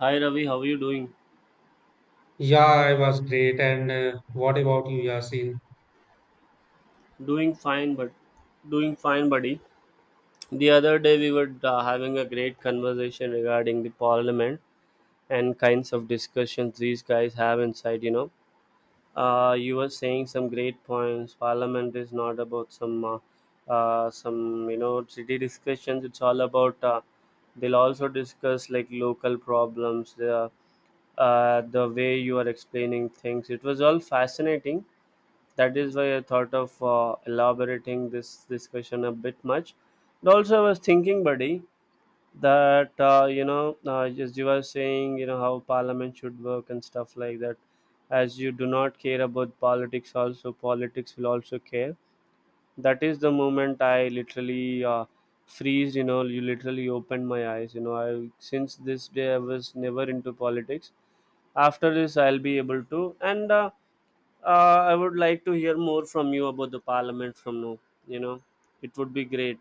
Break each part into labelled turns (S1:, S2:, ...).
S1: Hi Ravi, how are you doing?
S2: Yeah, I was great. And what about you, Yasin?
S1: Doing fine, but doing fine, buddy. The other day we were having a great conversation regarding the parliament and kinds of discussions these guys have inside. You were saying some great points. Parliament is not about some city discussions. It's all about they'll also discuss like local problems. The way you are explaining things, it was all fascinating. That is why I thought of elaborating this discussion a bit much. And also, I was thinking, buddy, that as you were saying, you know how Parliament should work and stuff like that. As you do not care about politics, also politics will also care. That is the moment I literally freeze. You know, you literally opened my eyes. You know, I since this day I was never into politics, after this I'll be able to, and I would like to hear more from you about the parliament from now. You know, it would be great.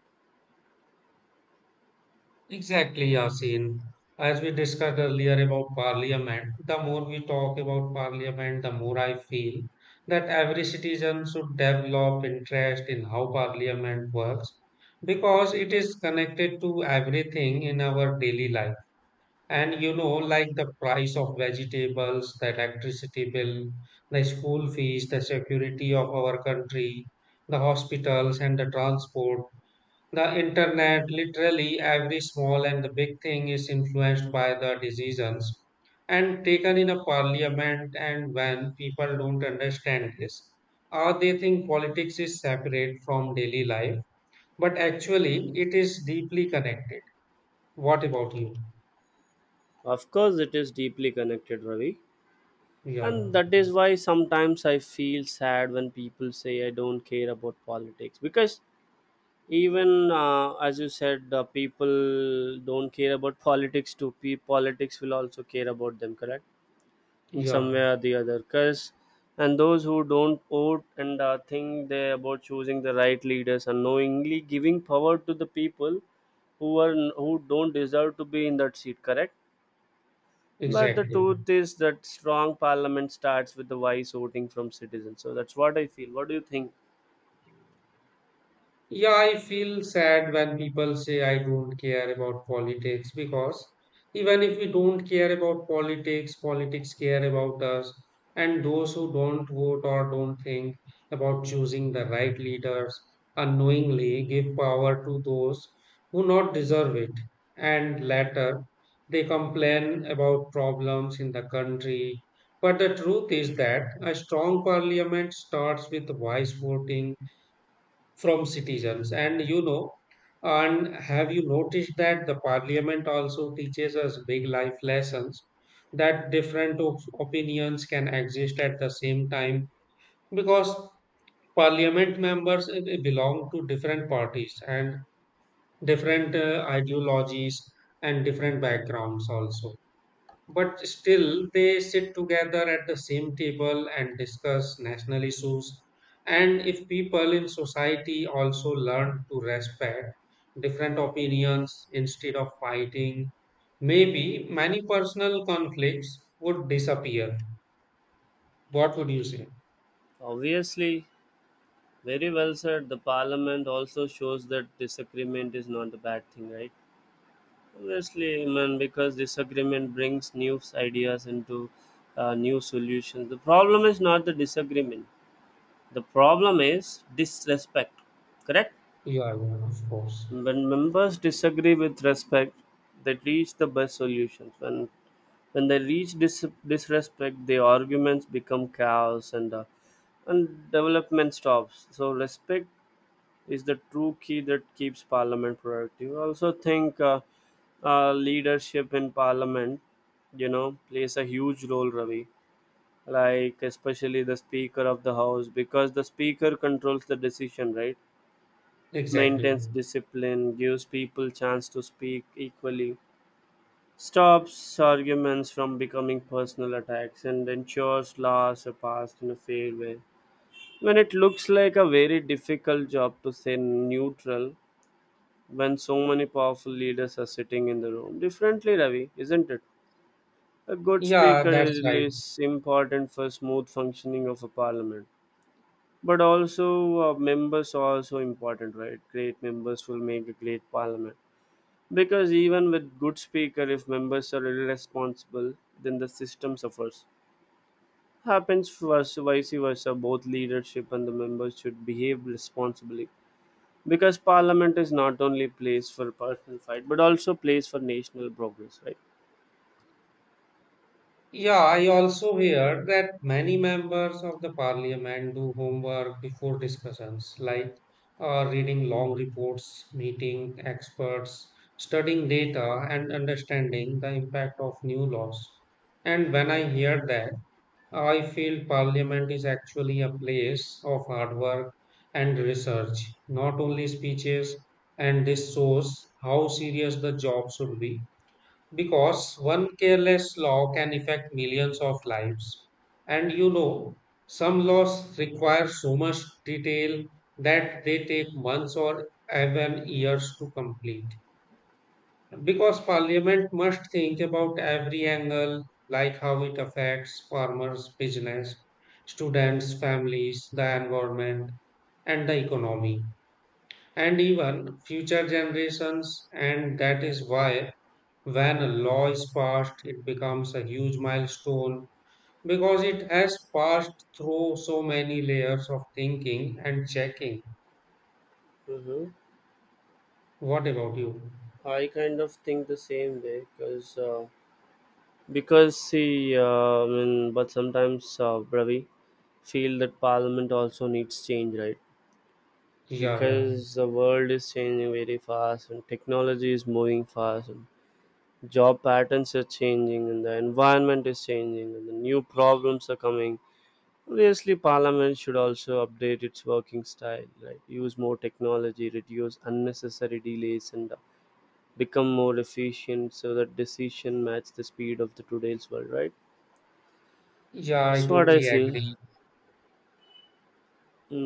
S2: Exactly, Yasin. As we discussed earlier about parliament, the more we talk about parliament, the more I feel that every citizen should develop interest in how parliament works because it is connected to everything in our daily life. And you know, like the price of vegetables, the electricity bill, the school fees, the security of our country, the hospitals and the transport, the internet, literally every small and the big thing is influenced by the decisions and taken in a parliament. And when people don't understand this, or they think politics is separate from daily life, but actually it is deeply connected. What about you?
S1: Of course, it is deeply connected, Ravi.
S2: Yeah,
S1: And that is why sometimes I feel sad when people say I don't care about politics. Because even as you said, people don't care about politics too. Politics will also care about them, correct? In some way
S2: yeah.
S1: or the other. Because and those who don't vote and think they about choosing the right leaders, unknowingly giving power to the people who don't deserve to be in that seat, correct? But the
S2: Exactly.
S1: truth is that strong parliament starts with the wise voting from citizens, so that's what I feel. What do you think?
S2: Yeah, I feel sad when people say I don't care about politics because even if we don't care about politics, politics care about us. And those who don't vote or don't think about choosing the right leaders unknowingly give power to those who not deserve it. And later, they complain about problems in the country. But the truth is that a strong parliament starts with wise voting from citizens. And you know, and have you noticed that the parliament also teaches us big life lessons that different opinions can exist at the same time because parliament members belong to different parties and different ideologies and different backgrounds also but still they sit together at the same table and discuss national issues. And if people in society also learn to respect different opinions instead of fighting, maybe many personal conflicts would disappear. What would you say?
S1: Obviously, very well said. The parliament also shows that disagreement is not a bad thing, right? Obviously, man, because disagreement brings new ideas into new solutions. The problem is not the disagreement, the problem is disrespect, correct?
S2: Yeah, yeah, of course.
S1: When members disagree with respect, they reach the best solutions. When they reach disrespect, the arguments become chaos and and development stops. So respect is the true key that keeps parliament productive. I also think leadership in parliament, you know, plays a huge role, Ravi. Like especially the speaker of the house, because the speaker controls the decision, right?
S2: Exactly.
S1: Maintains discipline, gives people chance to speak equally, stops arguments from becoming personal attacks, and ensures laws are passed in a fair way. When it looks like a very difficult job to stay neutral, when so many powerful leaders are sitting in the room, differently, Ravi, isn't it? A good
S2: Yeah,
S1: speaker
S2: that's right.
S1: is important for smooth functioning of a parliament, but also members are also important, right? Great members will make a great parliament. Because even with good speaker, if members are irresponsible, then the system suffers. Happens vice versa. Both leadership and the members should behave responsibly. Because parliament is not only place for personal fight, but also place for national progress, right?
S2: Yeah, I also hear that many members of the parliament do homework before discussions, like reading long reports, meeting experts, studying data, and understanding the impact of new laws. And when I hear that, I feel parliament is actually a place of hard work and research, not only speeches, and this shows how serious the job should be because one careless law can affect millions of lives. And you know, some laws require so much detail that they take months or even years to complete. Because Parliament must think about every angle, like how it affects farmers, business, students, families, the environment, and the economy, and even future generations. And that is why when a law is passed, it becomes a huge milestone because it has passed through so many layers of thinking and checking.
S1: Hmm.
S2: What about you?
S1: I kind of think the same way because see, I mean, but sometimes Bravi feel that parliament also needs change, right?
S2: Yeah, yeah.
S1: Because the world is changing very fast and technology is moving fast and job patterns are changing and the environment is changing and the new problems are coming. Obviously parliament should also update its working style, right? Use more technology, reduce unnecessary delays, and become more efficient so that decision match the speed of the today's world, right?
S2: Yeah, I
S1: That's what I
S2: totally
S1: feel.
S2: agree.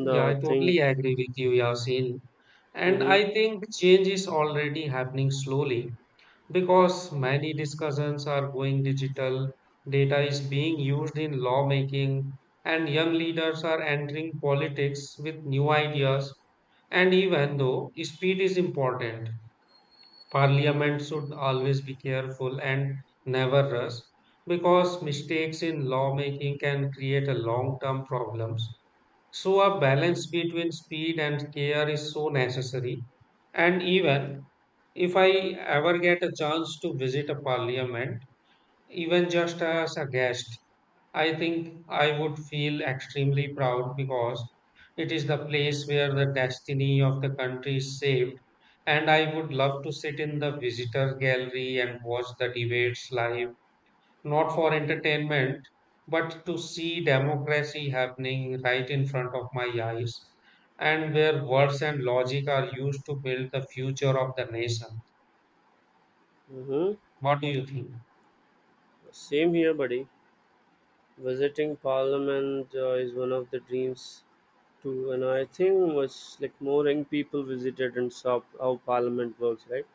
S2: Yeah, I
S1: thing.
S2: totally agree with you, Yasin. And
S1: Mm-hmm.
S2: I think change is already happening slowly. Because many discussions are going digital, data is being used in lawmaking, and young leaders are entering politics with new ideas. And even though speed is important, parliament should always be careful and never rush because mistakes in lawmaking can create a long term problems, so a balance between speed and care is so necessary. And even if I ever get a chance to visit a parliament, even just as a guest, I think I would feel extremely proud because it is the place where the destiny of the country is shaped. And I would love to sit in the visitor gallery and watch the debates live, not for entertainment, but to see democracy happening right in front of my eyes, and where words and logic are used to build the future of the nation.
S1: Mm-hmm.
S2: What do you think?
S1: Same here, buddy. Visiting Parliament is one of the dreams too, and I think much like more young people visited and saw how Parliament works, right?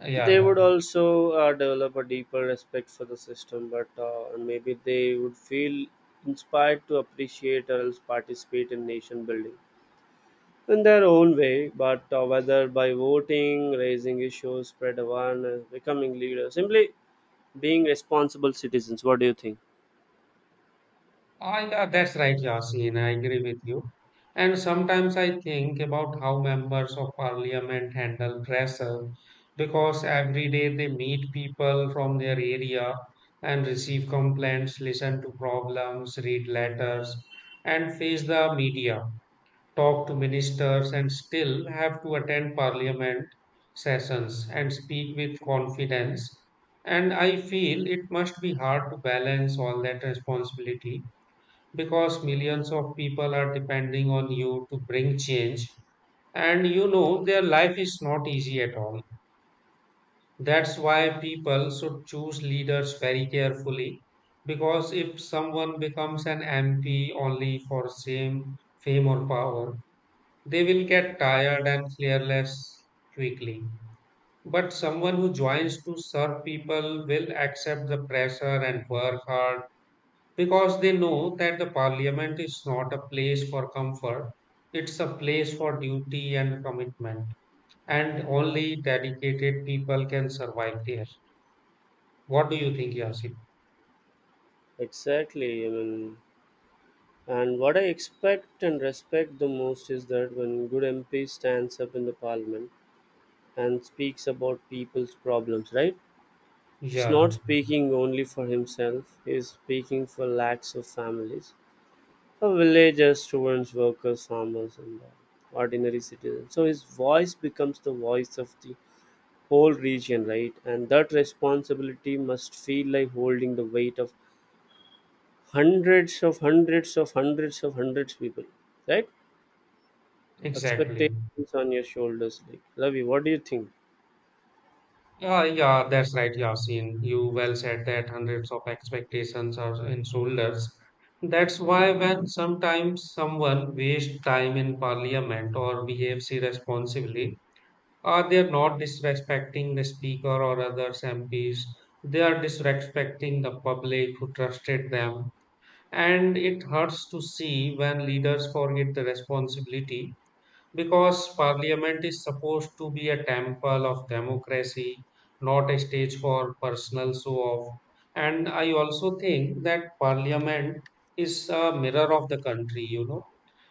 S2: Yeah,
S1: They
S2: yeah.
S1: would also develop a deeper respect for the system, but and maybe they would feel inspired to appreciate or else participate in nation building in their own way, but whether by voting, raising issues, spread awareness, becoming leaders, simply being responsible citizens. What do you think?
S2: Ah, yeah, that's right, Yasin. I agree with you. And sometimes I think about how members of parliament handle pressure because every day they meet people from their area and receive complaints, listen to problems, read letters, and face the media, talk to ministers, and still have to attend parliament sessions and speak with confidence. And I feel it must be hard to balance all that responsibility because millions of people are depending on you to bring change. And you know, their life is not easy at all. That's why people should choose leaders very carefully. Because if someone becomes an MP only for same fame or power, they will get tired and careless quickly. But someone who joins to serve people will accept the pressure and work hard because they know that the parliament is not a place for comfort, it's a place for duty and commitment, and only dedicated people can survive there. What do you think, Yasin?
S1: Exactly. I mean, and what I expect and respect the most is that when good MP stands up in the parliament and speaks about people's problems, right? He's
S2: Yeah,
S1: not speaking only for himself, he's speaking for lakhs of families, for villagers, students, workers, farmers, and ordinary citizens. So his voice becomes the voice of the whole region, right? And that responsibility must feel like holding the weight of hundreds of hundreds of hundreds of hundreds people, right?
S2: exactly.
S1: Expectations on your shoulders, like Lavi. What do you think?
S2: Yeah, yeah, that's right, Yasin. You well said that hundreds of expectations are in shoulders. That's why when sometimes someone wastes time in parliament or behaves irresponsibly, they are not disrespecting the speaker or others MPs. They are disrespecting the public who trusted them. And it hurts to see when leaders forget the responsibility because parliament is supposed to be a temple of democracy, not a stage for personal show off. And I also think that parliament is a mirror of the country, you know,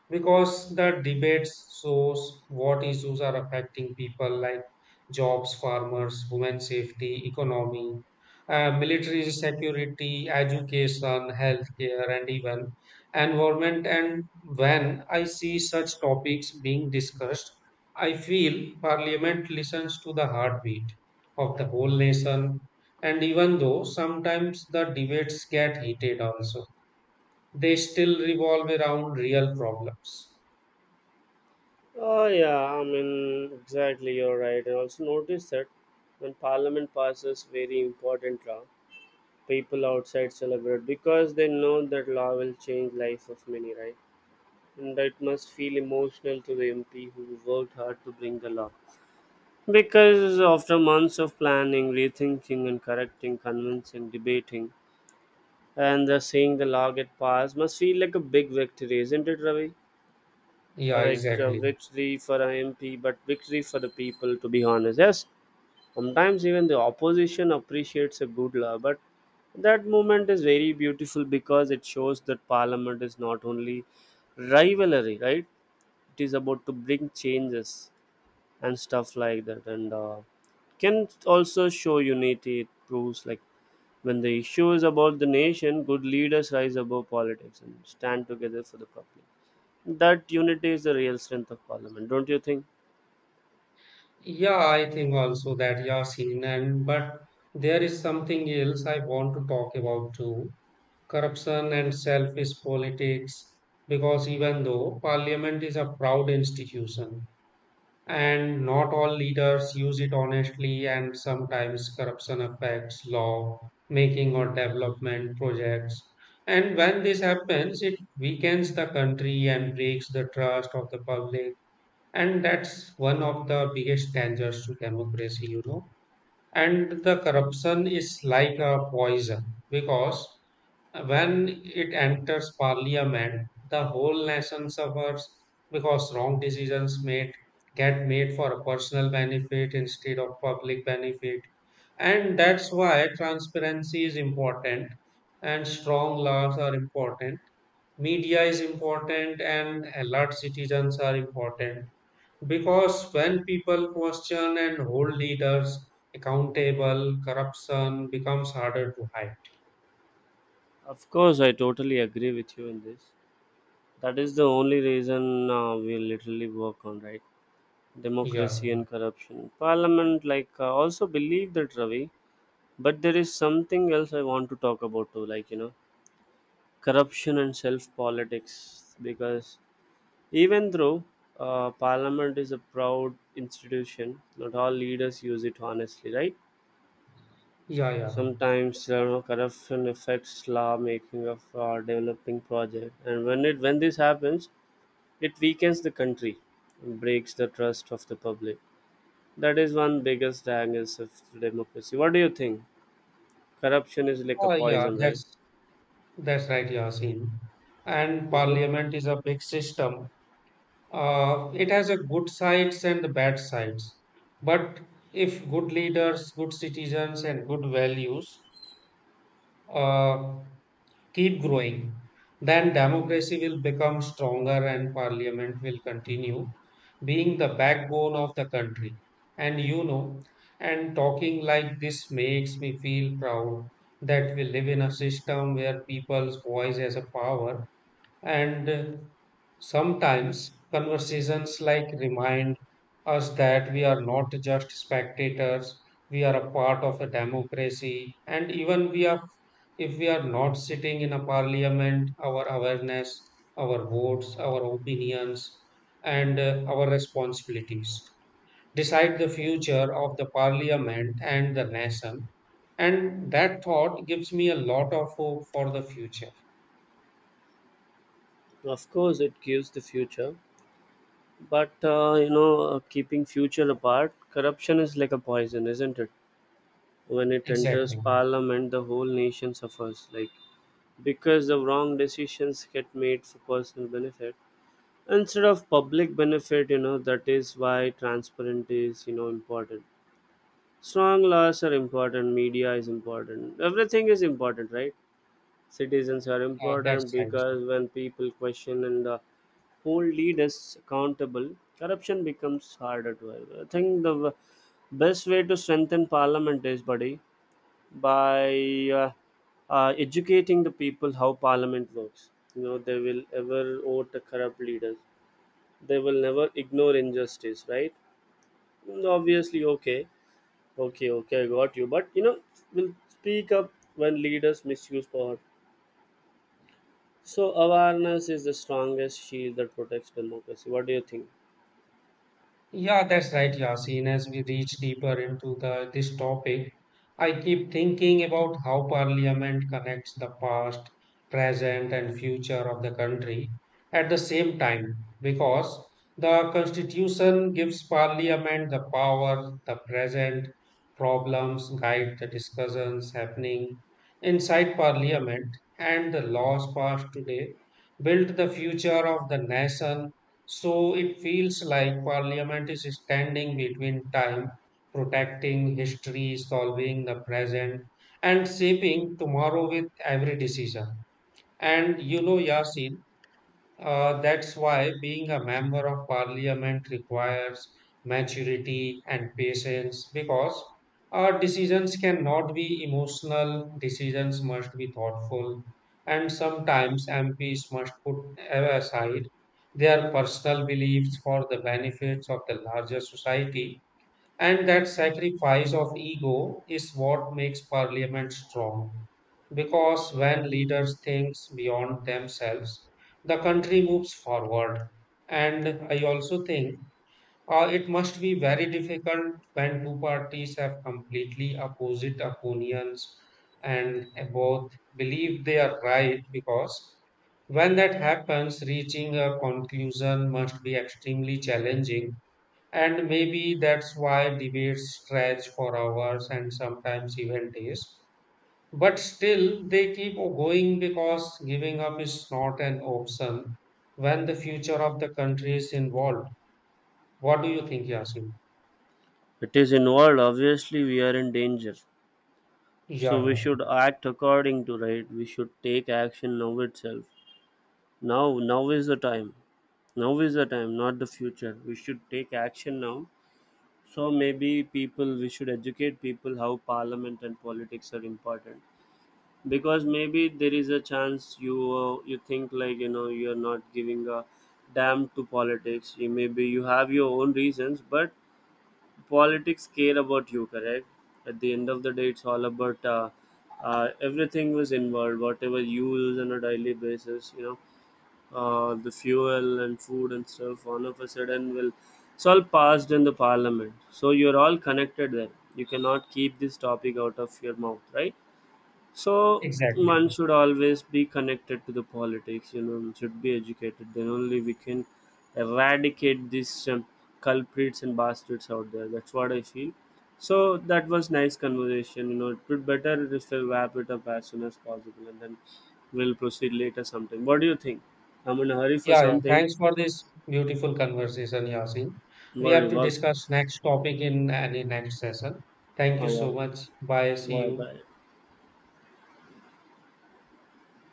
S2: because the debates shows what issues are affecting people, like jobs, farmers, women safety, economy, military security, education, healthcare, and even environment. And when I see such topics being discussed, I feel parliament listens to the heartbeat of the whole nation, and even though sometimes the debates get heated also, they still revolve around real problems.
S1: Oh, yeah, I mean, exactly, you're right. And also notice that when Parliament passes very important law, people outside celebrate because they know that law will change life of many, right? And that must feel emotional to the MP who worked hard to bring the law. Because after months of planning, rethinking, and correcting, convincing, debating, and the seeing the law get passed must feel like a big victory, isn't it, Ravi? uh,
S2: Yeah,
S1: like uh,
S2: exactly.
S1: victory for an MP, but victory for the people, to be honest. Yes, sometimes even the opposition appreciates a good law, but that movement is very beautiful because it shows that parliament is not only rivalry, right? It is about to bring changes and stuff like that, and can also show unity. It proves like when the issue is about the nation, good leaders rise above politics and stand together for the public. That unity is the real strength of parliament, don't you think?
S2: Yeah, I think also that, Yasin, and but there is something else I want to talk about too, corruption and selfish politics, because even though parliament is a proud institution and not all leaders use it honestly, and sometimes corruption affects law making or development projects. And when this happens, it weakens the country and breaks the trust of the public. And that's one of the biggest dangers to democracy, you know. And the corruption is like a poison because when it enters parliament, the whole nation suffers because wrong decisions made get made for personal benefit instead of public benefit. And that's why transparency is important and strong laws are important. Media is important and alert citizens are important because when people question and hold leaders accountable, corruption becomes harder to hide.
S1: Of course, I totally agree with you in this. That is the only reason we literally work on, right?
S2: Yeah,
S1: Democracy and corruption. Parliament, like, also believe that, Ravi, but there is something else I want to talk about too, like, you know, corruption and self politics. Because even though parliament is a proud institution, not all leaders use it honestly, right?
S2: yeah, yeah.
S1: Sometimes you know corruption affects law-making of our developing project, and when this happens, it weakens the country, and breaks the trust of the public. That is one biggest angers of democracy. What do you think? Corruption is like a
S2: Oh, yeah,
S1: poison, right?
S2: that's right, Yasin. And
S1: Mm-hmm.
S2: parliament is a big system. It has a good sides and the bad sides. But if good leaders, good citizens, and good values, uh, keep growing, then democracy will become stronger and parliament will continue being the backbone of the country. And you know, and talking like this makes me feel proud that we live in a system where people's voice has a power, and sometimes conversations like remind us that we are not just spectators, we are a part of a democracy. And even we are, if we are not sitting in a parliament, our awareness, our votes, our opinions, and our responsibilities decide the future of the parliament and the nation. And that thought gives me a lot of hope for the future.
S1: Of course, it gives the future, but keeping future apart, corruption is like a poison, isn't it? When it enters
S2: Exactly.
S1: parliament, the whole nation suffers. Like because the wrong decisions get made for personal benefit instead of public benefit, you know. That is why transparency is, you know, important, strong laws are important, media is important, everything is important, right? Citizens are
S2: That's
S1: important,
S2: right.
S1: because when people question and hold leaders accountable, corruption becomes harder to help. I think the best way to strengthen parliament is, buddy, by educating the people how parliament works. You know, they will ever vote the corrupt leaders, they will never ignore injustice, right? Mm, obviously. Okay. Okay, I got you, but you know, will speak up when leaders misuse power, so awareness is the strongest shield that protects democracy. What do you think?
S2: Yeah, that's right, Yasin. As we reach deeper into the this topic, I keep thinking about how Parliament connects the past, present, and future of the country at the same time, because the Constitution gives Parliament the power, the present problems guide the discussions happening inside Parliament, and the laws passed today build the future of the nation, so it feels like Parliament is standing between time, protecting history, solving the present, and shaping tomorrow with every decision. And you know, Yasin, that's why being a member of parliament requires maturity and patience because our decisions cannot be emotional, decisions must be thoughtful, and sometimes MPs must put aside their personal beliefs for the benefits of the larger society. And that sacrifice of ego is what makes parliament strong. Because when leaders think beyond themselves, the country moves forward. And I also think it must be very difficult when two parties have completely opposite opinions and both believe they are right. Because when that happens, reaching a conclusion must be extremely challenging, and maybe that's why debates stretch for hours and sometimes even days. But still, they keep going because giving up is not an option when the future of the country is involved. What do you think, Yasin?
S1: It is involved, obviously we are in danger,
S2: Yeah,
S1: so we
S2: yeah,
S1: should act according to, right? We should take action now itself. Now, now is the time. Now is the time, not the future. We should take action now. So maybe people, we should educate people how parliament and politics are important. Because maybe there is a chance you think like you know you are not giving a damn to politics. You maybe you have your own reasons, but politics care about you, correct? At the end of the day, it's all about everything was involved, whatever you use on a daily basis, you know, the fuel and food and stuff all of a sudden will, it's all passed in the parliament, so you're all connected there, you cannot keep this topic out of your mouth, right? So
S2: exactly.
S1: one should always be connected to the politics, you know, and should be educated. Then only we can eradicate these culprits and bastards out there. That's what I feel. So that was nice conversation. You know, it would better if we wrap it up as soon as possible, and then we'll proceed later sometime. What do you think? I'm in a hurry for
S2: Yeah, yeah.
S1: something.
S2: Thanks for this beautiful conversation, Yasin. We
S1: Worry
S2: have to
S1: works.
S2: discuss next topic in any next session. Thank
S1: Oh
S2: you so
S1: yeah.
S2: much. Bye. See
S1: Bye
S2: you.
S1: bye.